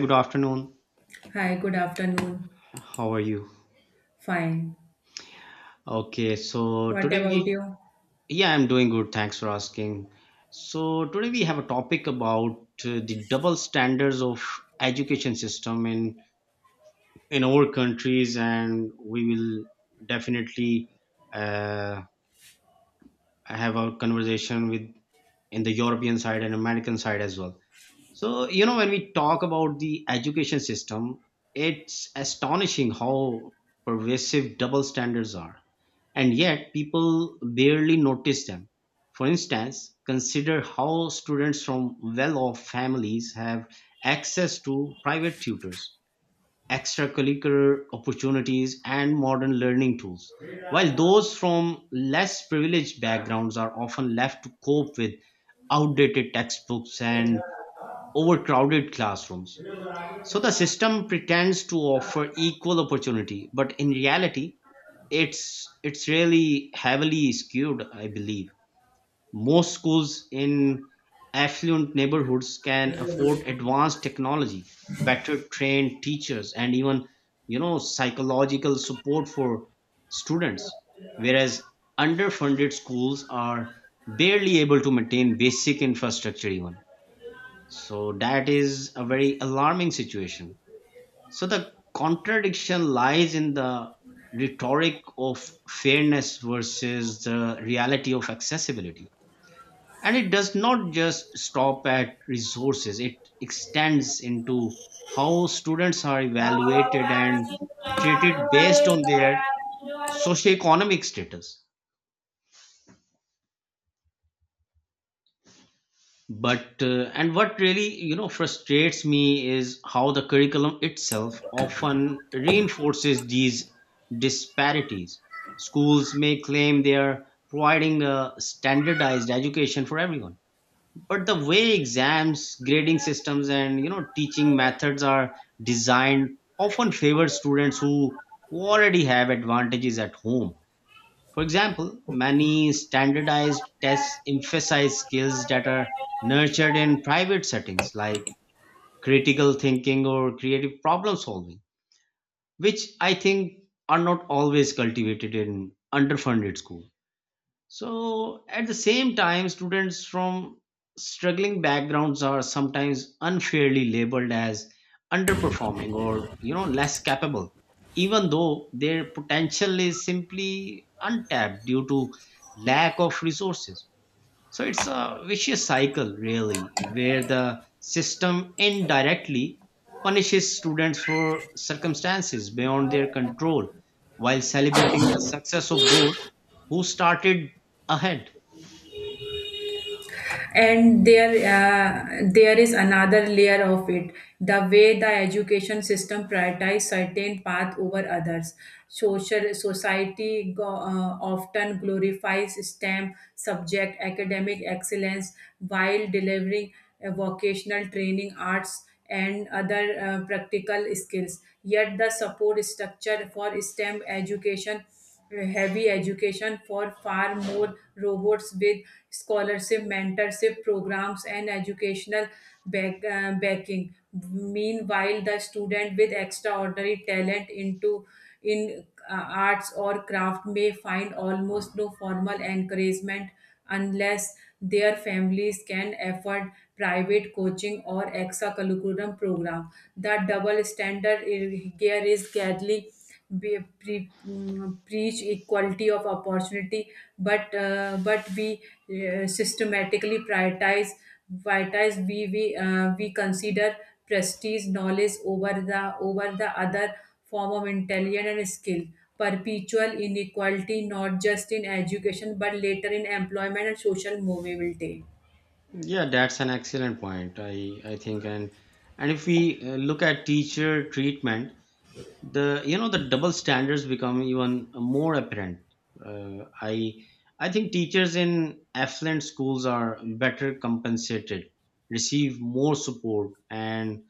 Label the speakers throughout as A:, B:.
A: Good afternoon.
B: Hi, good afternoon.
A: How are you?
B: Fine.
A: Okay, so
B: What
A: today
B: about
A: we, yeah, I'm doing good. Thanks for asking. So today we have a topic about the double standards of education system in our countries, and we will definitely uh, have a conversation with in the European side and American side as well. So, you know, when we talk about the education system, it's astonishing how pervasive double standards are. And yet, people barely notice them. For instance, consider how students from well off families have access to private tutors, extracurricular opportunities, and modern learning tools, while those from less privileged backgrounds are often left to cope with outdated textbooks and overcrowded classrooms. So the system pretends to offer equal opportunity, but in reality, it's really heavily skewed, I believe. Most schools in affluent neighborhoods can afford
B: you?
A: advanced technology, better trained teachers, and even psychological support for students, whereas underfunded schools are barely able to maintain basic infrastructure even, so that is a very alarming situation. So the contradiction lies in the rhetoric of fairness versus the reality of accessibility. And it does not just stop at resources, it extends into how students are evaluated and treated based on their socioeconomic status. But and what really frustrates me is how the curriculum itself often reinforces these disparities. Schools may claim they are providing a standardized education for everyone, but the way exams, grading systems, and teaching methods are designed often favor students who already have advantages at home. For example, many standardized tests emphasize skills that are nurtured in private settings like critical thinking or creative problem solving, which I think are not always cultivated in underfunded schools. So, at the same time, students from struggling backgrounds are sometimes unfairly labeled as underperforming or less capable, even though their potential is simply untapped due to lack of resources. So it's a vicious cycle, really, where the system indirectly punishes students for circumstances beyond their control while celebrating the success of those who started ahead.
B: And there is another layer of it. The way the education system prioritize certain path over others, social society go, often glorifies stem subject academic excellence, while delivering vocational training, arts, and other practical skills. Yet the support structure for stem education, heavy education for far more robots with scholarship, mentorship programs, and educational backing. Meanwhile, the student with extraordinary talent into in arts or craft may find almost no formal encouragement unless their families can afford private coaching or extracurriculum program. The double standard here is deadly. Preach equality of opportunity, but we systematically prioritize, we consider prestige knowledge over the other form of intelligence and skill, perpetual inequality not just in education but later in employment and social mobility.
A: Yeah, that's an excellent point. I think, and if we look at teacher treatment, the you know the double standards become even more apparent. Uh, i i think teachers in affluent schools are better compensated, receive more support,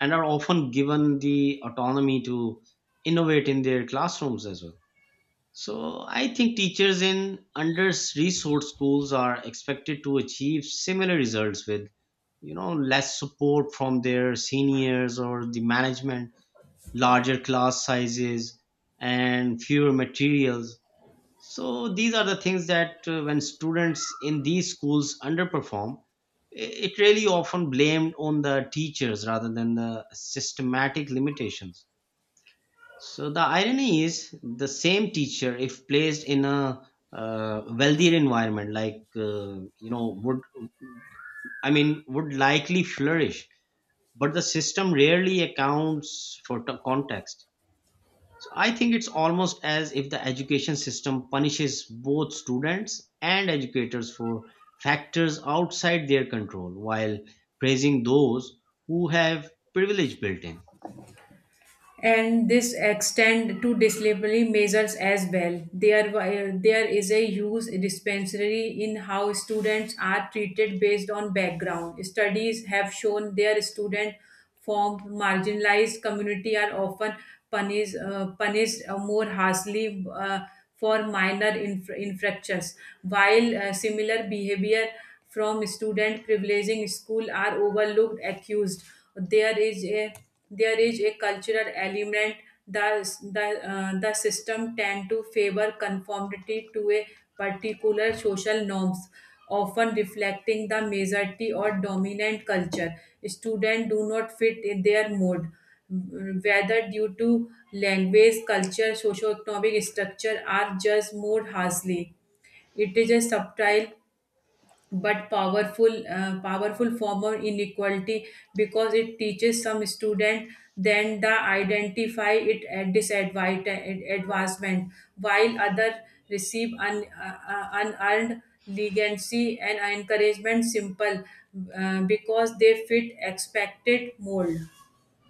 A: and are often given the autonomy to innovate in their classrooms as well. So I think teachers in under resourced schools are expected to achieve similar results with less support from their seniors or the management, larger class sizes, and fewer materials. So these are the things that when students in these schools underperform, i- it really often blamed on the teachers rather than the systematic limitations. So the irony is the same teacher if placed in a wealthier environment like would would likely flourish, but the system rarely accounts for context. So I think it's almost as if the education system punishes both students and educators for factors outside their control while praising those who have privilege built in.
B: And this extend to disciplinary measures as well. There is a huge dispensary in how students are treated based on background. Studies have shown their student from marginalized community are often punished more harshly for minor infractions, while similar behavior from student privileging school are overlooked, accused. There is a there is a cultural element. The system tend to favor conformity to a particular social norms, often reflecting the majority or dominant culture. Students do not fit in their mode, whether due to language, culture, socioeconomic structure, are judged more harshly. It is a subtle but powerful form of inequality, because it teaches some student then the identify it at disadvantage, while other receive unearned legacy and encouragement simple because they fit expected mold.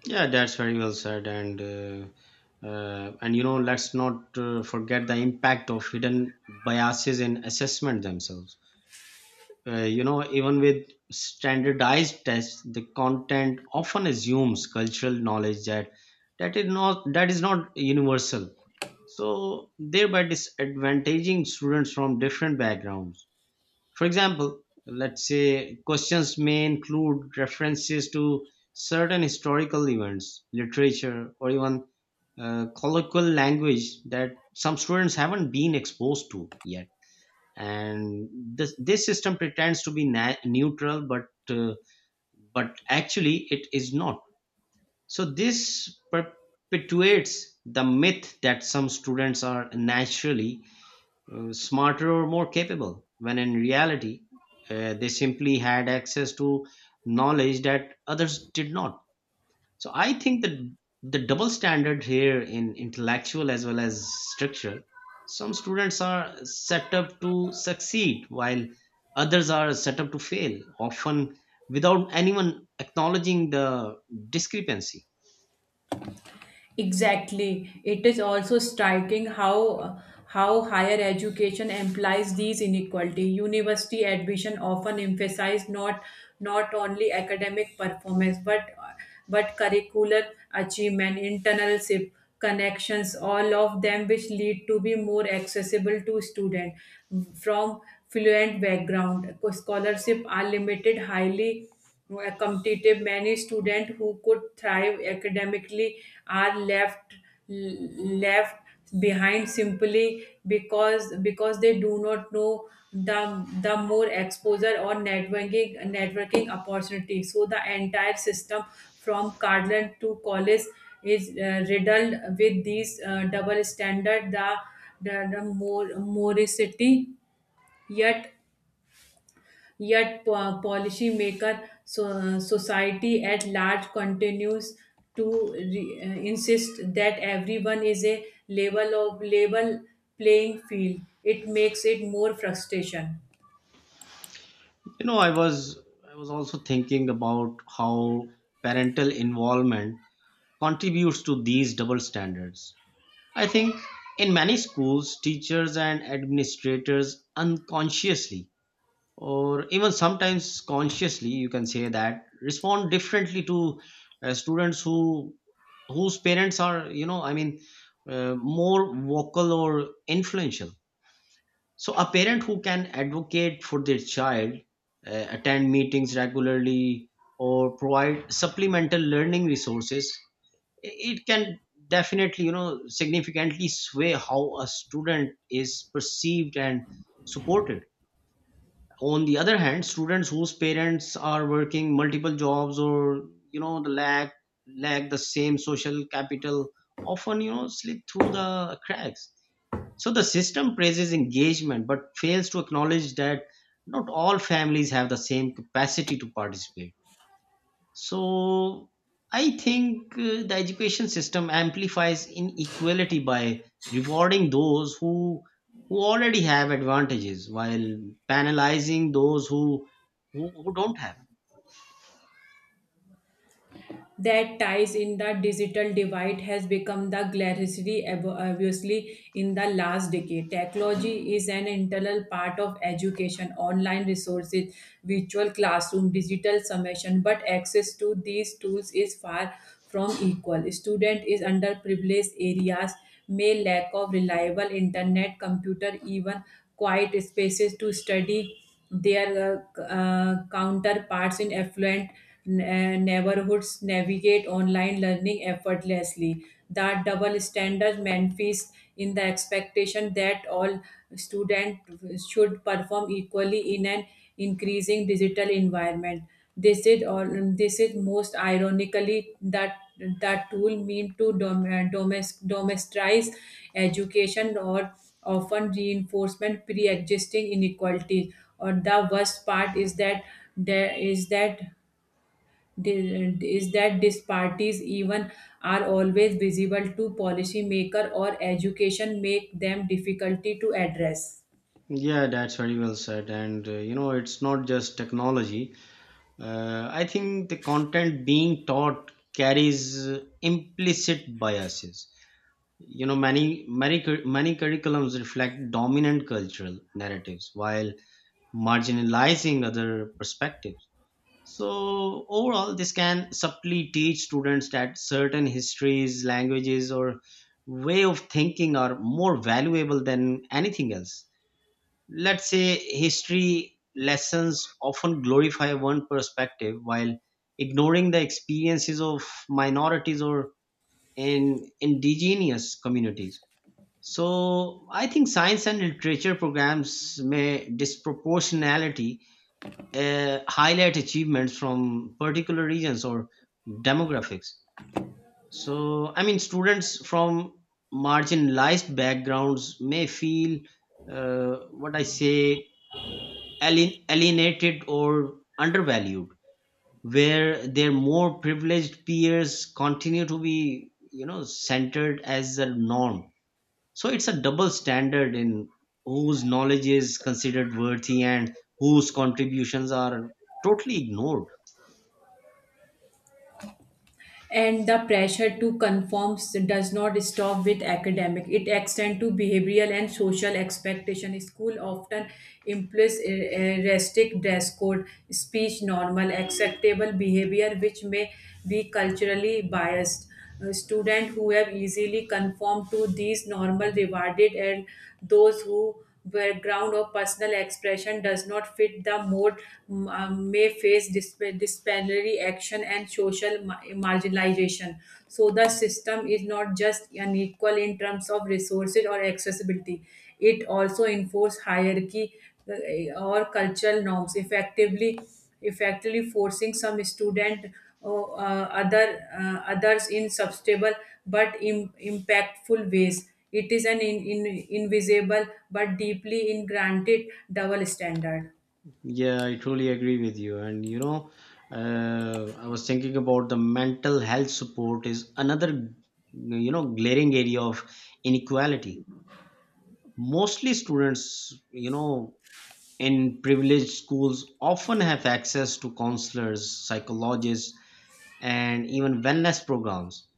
A: Yeah, that's very well said. And you know, let's not forget the impact of hidden biases in assessment themselves. You know, even with standardized tests, the content often assumes cultural knowledge that is not universal, so thereby disadvantaging students from different backgrounds. For example, let's say questions may include references to certain historical events, literature, or even colloquial language that some students haven't been exposed to yet. And this system pretends to be neutral, uh, but actually it is not. So this perpetuates the myth that some students are naturally smarter or more capable when in reality they simply had access to knowledge that others did not. So I think that the double standard here in intellectual as well as structural, some students are set up to succeed while others are set up to fail, often without anyone acknowledging the discrepancy.
B: Exactly. It is also striking how higher education implies these inequality. University admission often emphasize not not only academic performance but curricular achievement, internalship, connections, all of them which lead to be more accessible to student from fluent background. Scholarship are limited, highly competitive. Many students who could thrive academically are left behind simply because they do not know the more exposure or networking opportunity. So the entire system from cardland to college is riddled with these double standard, the more moricity yet. Yet, policy maker so, society at large continues to insist that everyone is a level of level playing field. It makes it more frustration.
A: You know, I was also thinking about how parental involvement contributes to these double standards. I think in many schools, teachers and administrators unconsciously or even sometimes consciously, you can say that, respond differently to students who whose parents are more vocal or influential. So a parent who can advocate for their child, attend meetings regularly, or provide supplemental learning resources, it can definitely significantly sway how a student is perceived and supported. On the other hand, students whose parents are working multiple jobs or you know the lack the same social capital often slip through the cracks. So the system praises engagement but fails to acknowledge that not all families have the same capacity to participate. So I think the education system amplifies inequality by rewarding those who already have advantages while penalizing those who don't have.
B: That ties in the digital divide has become the glaringly obviously in the last decade. Technology is an integral part of education, online resources, virtual classroom, digital summation, but access to these tools is far from equal. Student is underprivileged areas may lack of reliable internet, computer, even quiet spaces to study, their counterparts in affluent neighborhoods navigate online learning effortlessly. That double standard manifests in the expectation that all students should perform equally in an increasing digital environment. This is all. This is most ironically that that tool mean to domesticize education or often reinforcement pre-existing inequalities. Or the worst part is that there is that these parties even are always visible to policymaker or education make them difficulty to address.
A: Yeah, that's very well said. And you know, it's not just technology. I think the content being taught carries implicit biases. You know, many curriculums reflect dominant cultural narratives, while marginalizing other perspectives. So, overall, this can subtly teach students that certain histories, languages, or way of thinking are more valuable than anything else. Let's say history lessons often glorify one perspective while ignoring the experiences of minorities or in indigenous communities. So, I think science and literature programs may disproportionality highlight achievements from particular regions or demographics. So, I mean, students from marginalized backgrounds may feel what I say alienated or undervalued, where their more privileged peers continue to be, you know, centered as a norm. So, it's a double standard in whose knowledge is considered worthy and whose contributions are totally ignored.
B: And the pressure to conform does not stop with academic. It extends to behavioral and social expectation. School often employs a restrict dress code, speech normal, acceptable behavior, which may be culturally biased. Students who have easily conformed to these normal rewarded, and those who background or personal expression does not fit the mode may face disciplinary action and social marginalization. So the system is not just unequal in terms of resources or accessibility, it also enforce hierarchy or cultural norms, effectively forcing some student uh, uh, other others in substantial but impactful ways. It is an invisible but deeply ingranted double standard.
A: Yeah, I truly agree with you. And you know, I was thinking about the mental health support is another, you know, glaring area of inequality. Mostly students, you know, in privileged schools often have access to counselors, psychologists, and even wellness programs.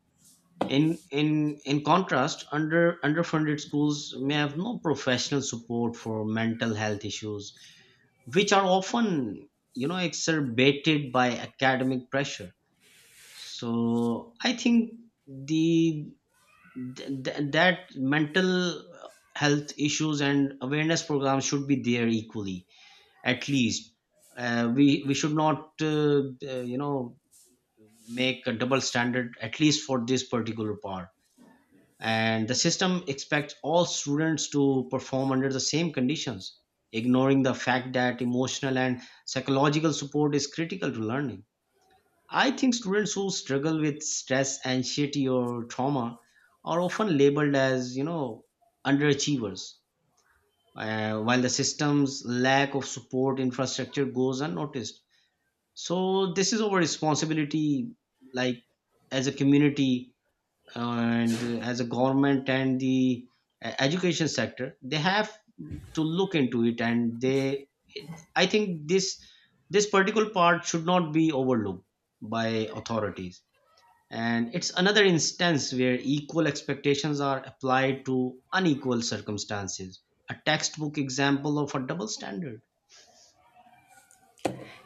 A: In contrast, underfunded schools may have no professional support for mental health issues, which are often exacerbated by academic pressure. So I think the that mental health issues and awareness programs should be there equally, at least. We should not uh, you know make a double standard at least for this particular part. And the system expects all students to perform under the same conditions, ignoring the fact that emotional and psychological support is critical to learning. I think students who struggle with stress, anxiety, or trauma are often labeled as underachievers, while the system's lack of support infrastructure goes unnoticed. So this is our responsibility, like, as a community, and as a government, and the education sector, they have to look into it. And they, I think this this particular part should not be overlooked by authorities. And it's another instance where equal expectations are applied to unequal circumstances, a textbook example of a double standard.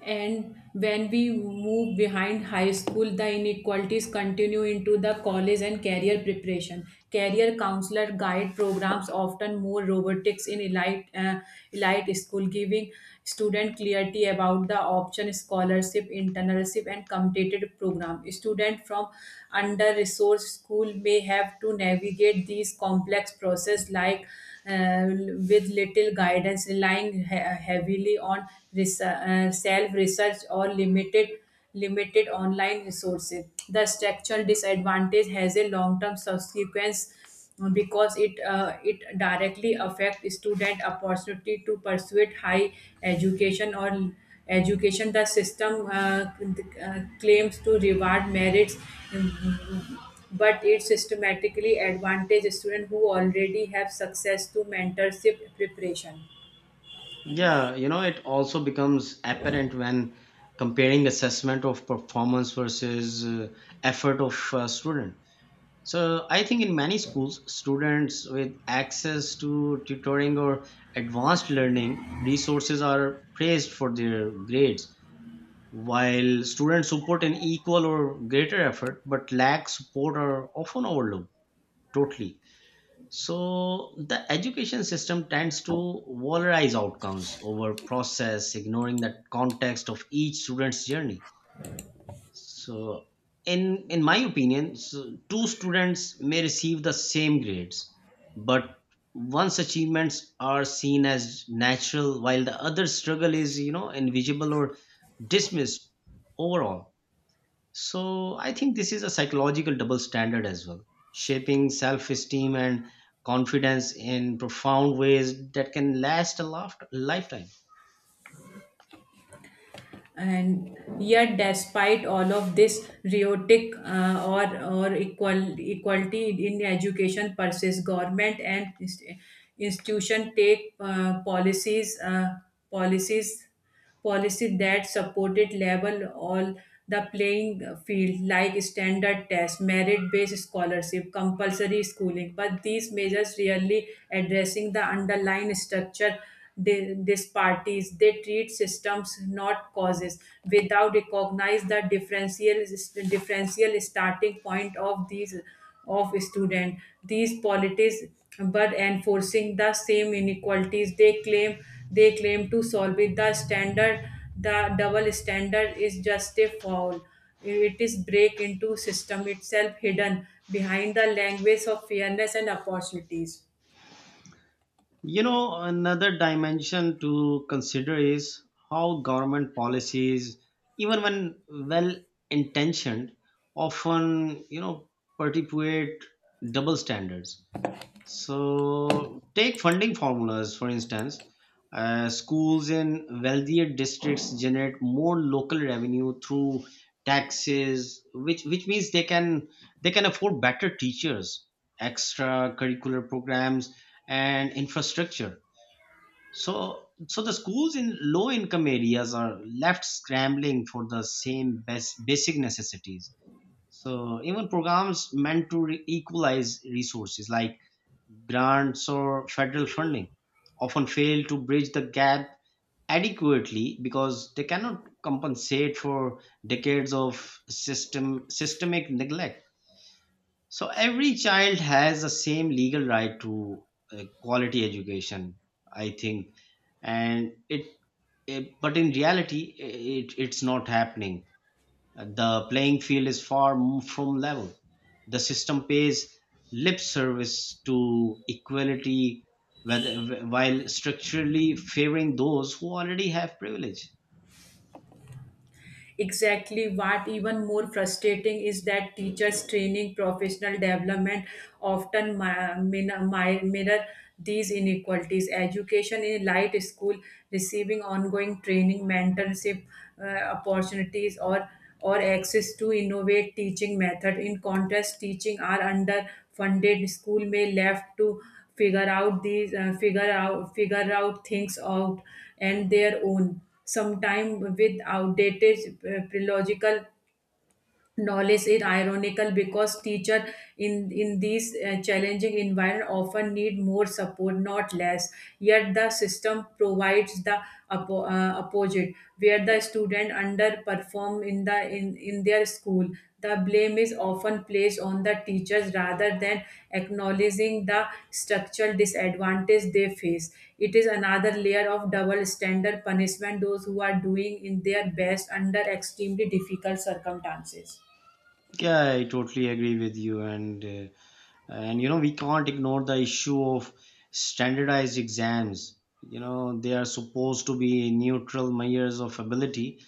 B: And when we move behind high school, the inequalities continue into the college and career preparation. Career counselor guide programs often more robotics in elite school, giving student clarity about the option, scholarship, internship, and competitive program. Student from under resourced school may have to navigate these complex process like uh, with little guidance, relying heavily on self-research or limited online resources. The structural disadvantage has a long-term subsequence, because it directly affects student opportunity to pursue high education or education. The system claims to reward merits, um, but it systematically advantages students who already have success to mentorship preparation.
A: Yeah, you know it also becomes apparent when comparing assessment of performance versus effort of a student. So I think in many schools, students with access to tutoring or advanced learning resources are praised for their grades, while students who put in equal or greater effort but lack support are often overlooked totally. So the education system tends to valorize outcomes over process, ignoring the context of each student's journey. So, in my opinion, so two students may receive the same grades, but one's achievements are seen as natural, while the other's struggle is, you know, invisible or dismissed overall. So, I think this is a psychological double standard as well, shaping self-esteem and confidence in profound ways that can last a lifetime.
B: And yet despite all of this riotic or equality in education persists. Government and institution take policies, policy that supported level all the playing field, like standard tests, merit-based scholarship, compulsory schooling. But these measures really addressing the underlying structure. They, these parties they treat systems not causes, without recognize the differential starting point of these of student. These polities but enforcing the same inequalities they claim to solve it. The standard, the double standard, is just a foul. It is break into system itself, hidden behind the language of fairness and opportunities.
A: You know, another dimension to consider is how government policies, even when well intentioned, often, you know, perpetuate double standards. So, take funding formulas, for instance. Schools in wealthier districts generate more local revenue through taxes, which means they can afford better teachers, extra curricular programs, and infrastructure. So, so the schools in low income areas are left scrambling for the same basic necessities. So, even programs meant to equalize resources like grants or federal funding often fail to bridge the gap adequately because they cannot compensate for decades of systemic neglect. So every child has the same legal right to quality education, I think, and it, it but in reality it's not happening. The playing field is far from level. The system pays lip service to equality while structurally favoring those who already have privilege.
B: Exactly. What even more frustrating is that teachers training professional development often mirror these inequalities. Education in light school receiving ongoing training, mentorship opportunities, or access to innovate teaching method. In contrast, teaching are underfunded school may left to figure out these figure out things out and their own, some time with outdated prelogical knowledge. Is ironical because teacher in these challenging environment often need more support, not less, yet the system provides the opposite. Where the student underperform in the in their school, the blame is often placed on the teachers rather than acknowledging the structural disadvantage they face. It is another layer of double standard, punishment those who are doing in their best under extremely difficult circumstances.
A: Yeah, I totally agree with you, and you know we can't ignore the issue of standardized exams. You know they are supposed to be neutral measures of ability,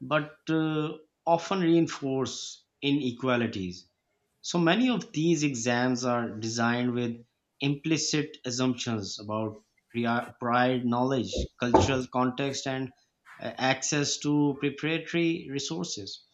A: but often reinforce inequalities. So many of these exams are designed with implicit assumptions about prior knowledge, cultural context, and access to preparatory resources.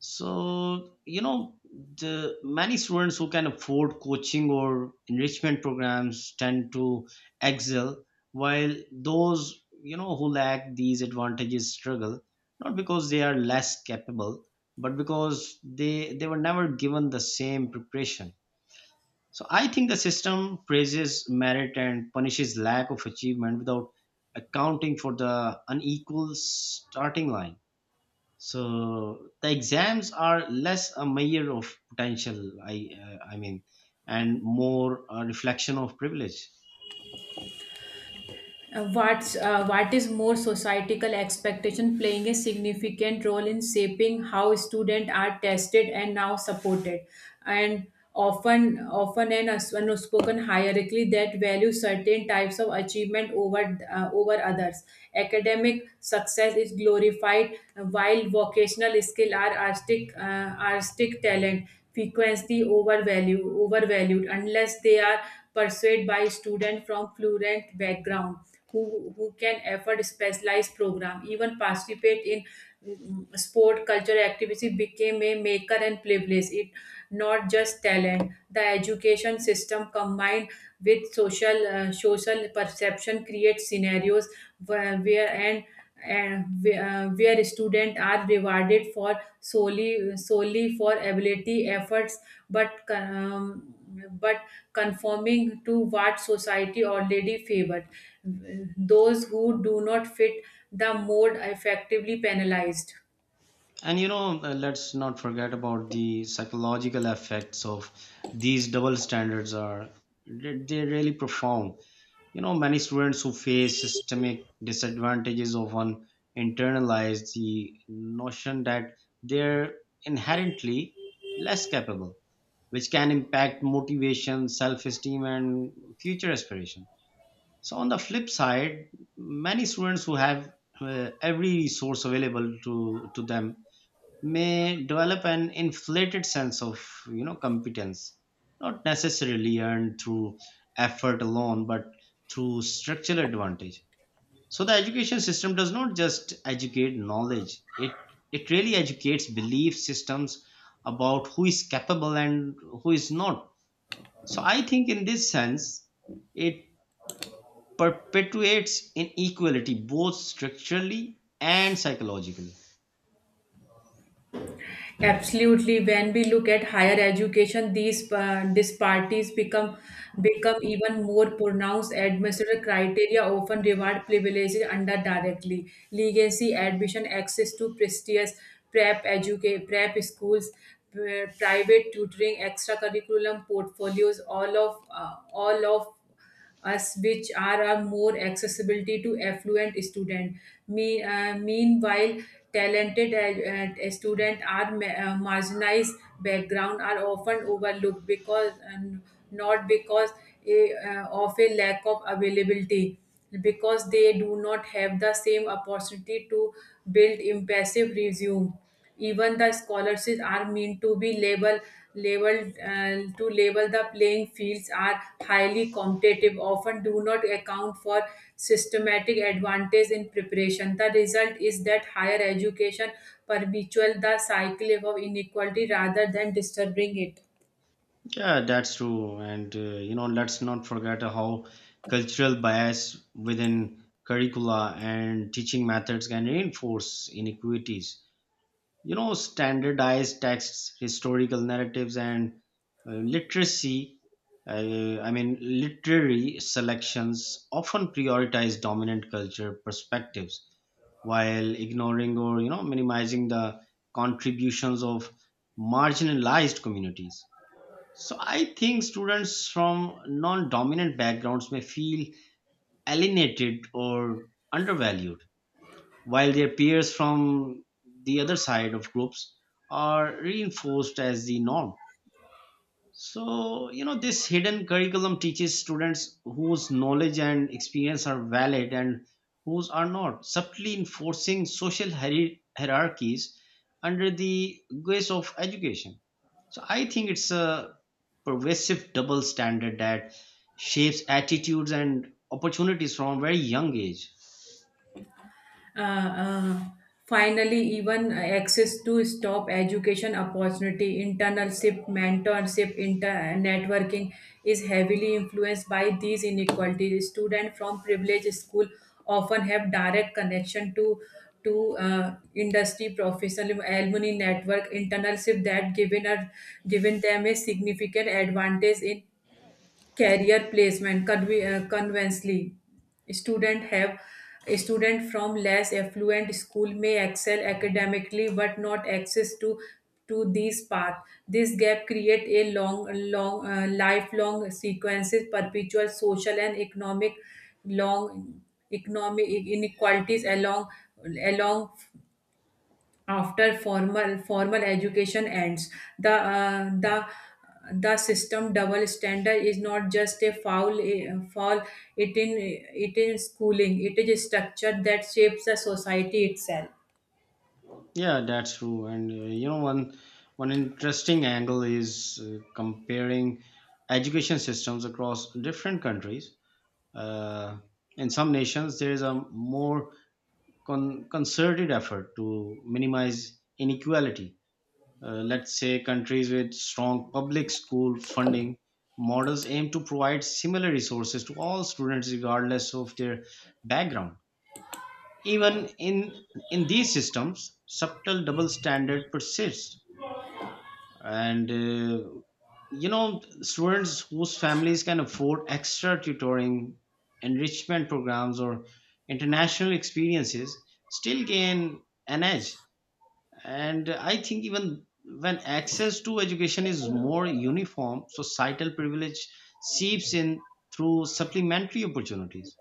A: So, you know, the many students who can afford coaching or enrichment programs tend to excel, while those, you know, who lack these advantages struggle, not because they are less capable, but because they were never given the same preparation. So I think the system praises merit and punishes lack of achievement without accounting for the unequal starting line. So the exams are less a measure of potential, and more a reflection of privilege.
B: What is more, societal expectation playing a significant role in shaping how students are tested and now supported. And often an an unspoken hierarchy that values certain types of achievement over over others. Academic success is glorified, while vocational skill are artistic, artistic talent frequently overvalued unless they are pursued by students from fluent background who can afford specialized program, even participate in mm, sport, culture activity became a maker and privilege it, not just talent. The education system combined with social social perception creates scenarios where and where, where students are rewarded for solely for ability efforts, but um, but conforming to what society already favored. Those who do not fit the mode effectively penalized.
A: And you know, let's not forget about the psychological effects of these double standards are they- they're really profound. You know, many students who face systemic disadvantages often internalize the notion that they're inherently less capable, which can impact motivation, self esteem, and future aspiration. So, on the flip side, many students who have every resource available to them may develop an inflated sense of you know competence, not necessarily earned through effort alone but through structural advantage. So the education system does not just educate knowledge, it really educates belief systems about who is capable and who is not. So I think in this sense, it perpetuates inequality both structurally and psychologically.
B: Absolutely. When we look at higher education, these disparities become even more pronounced. Administrative criteria often reward privileges under directly legacy, admission, access to prestigious prep educate prep schools, private tutoring, extracurriculum portfolios. All of us which are a more accessibility to affluent student. Meanwhile, talented student are marginalized background are often overlooked because and not because of a lack of availability, because they do not have the same opportunity to build impressive resume. Even the scholarships are meant to be level labeled to level the playing fields are highly competitive, often do not account for systematic advantage in preparation. The result is that higher education perpetuates the cycle of inequality rather than disturbing it.
A: Yeah, that's true. And you know, let's not forget how cultural bias within curricula and teaching methods can reinforce inequities. You know standardized texts, historical narratives, and literacy I mean literary selections often prioritize dominant culture perspectives while ignoring or you know minimizing the contributions of marginalized communities. So I think students from non-dominant backgrounds may feel alienated or undervalued while their peers from the other side of groups are reinforced as the norm. So, you know, this hidden curriculum teaches students whose knowledge and experience are valid and whose are not, subtly enforcing social hierarchies under the guise of education. So, I think it's a pervasive double standard that shapes attitudes and opportunities from a very young age.
B: uh, uh, finally, even access to stop education opportunity, internship, mentorship, inter networking is heavily influenced by these inequalities. Students from privileged school often have direct connection to industry professional, alumni network, internship that given them a significant advantage in career placement. Conversely, student have a student from less affluent school may excel academically but not access to these path. This gap create a long long lifelong sequences, perpetual social and economic long economic inequalities along after formal education ends. The uh, the the system double standard is not just a foul it in it in schooling, it is a structure that shapes the society itself.
A: Yeah, that's true. And you know, one interesting angle is comparing education systems across different countries. Uh, in some nations, there is a more concerted effort to minimize inequality. Let's say countries with strong public school funding models aim to provide similar resources to all students, regardless of their background. Even in these systems, subtle double standard persists, and you know students whose families can afford extra tutoring, enrichment programs, or international experiences still gain an edge. And I think even when access to education is more uniform, societal privilege seeps in through supplementary opportunities.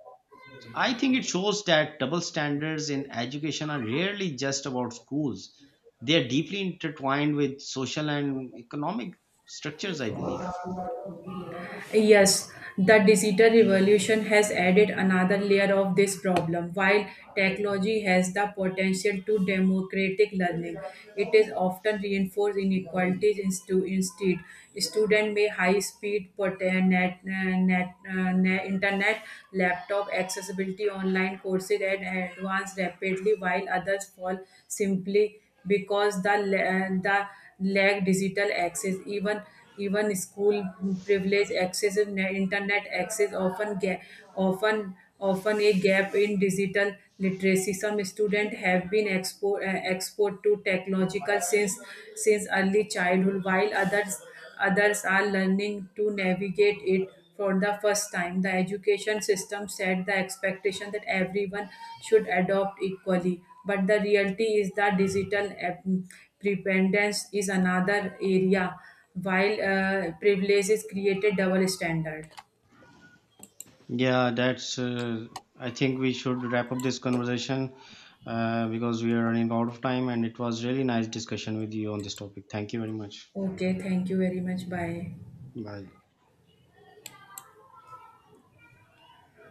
A: I think it shows that double standards in education are rarely just about schools. They are deeply intertwined with social and economic structures, I believe.
B: Yes, the digital revolution has added another layer of this problem. While technology has the potential to democratic learning, it is often reinforced inequalities instead. Student may high speed internet, laptop accessibility, online courses, and advance rapidly, while others fall simply because the lack digital access, even even school privilege, excessive internet access often often a gap in digital literacy. Some students have been exposed to technological since early childhood, while others others are learning to navigate it for the first time. The education system set the expectation that everyone should adopt equally, but the reality is that digital dependence is another area while privilege is created double standard.
A: Yeah, that's. I think we should wrap up this conversation because we are running out of time, and it was really nice discussion with you on this topic. Thank you very much.
B: Okay, thank you very much. Bye.
A: Bye.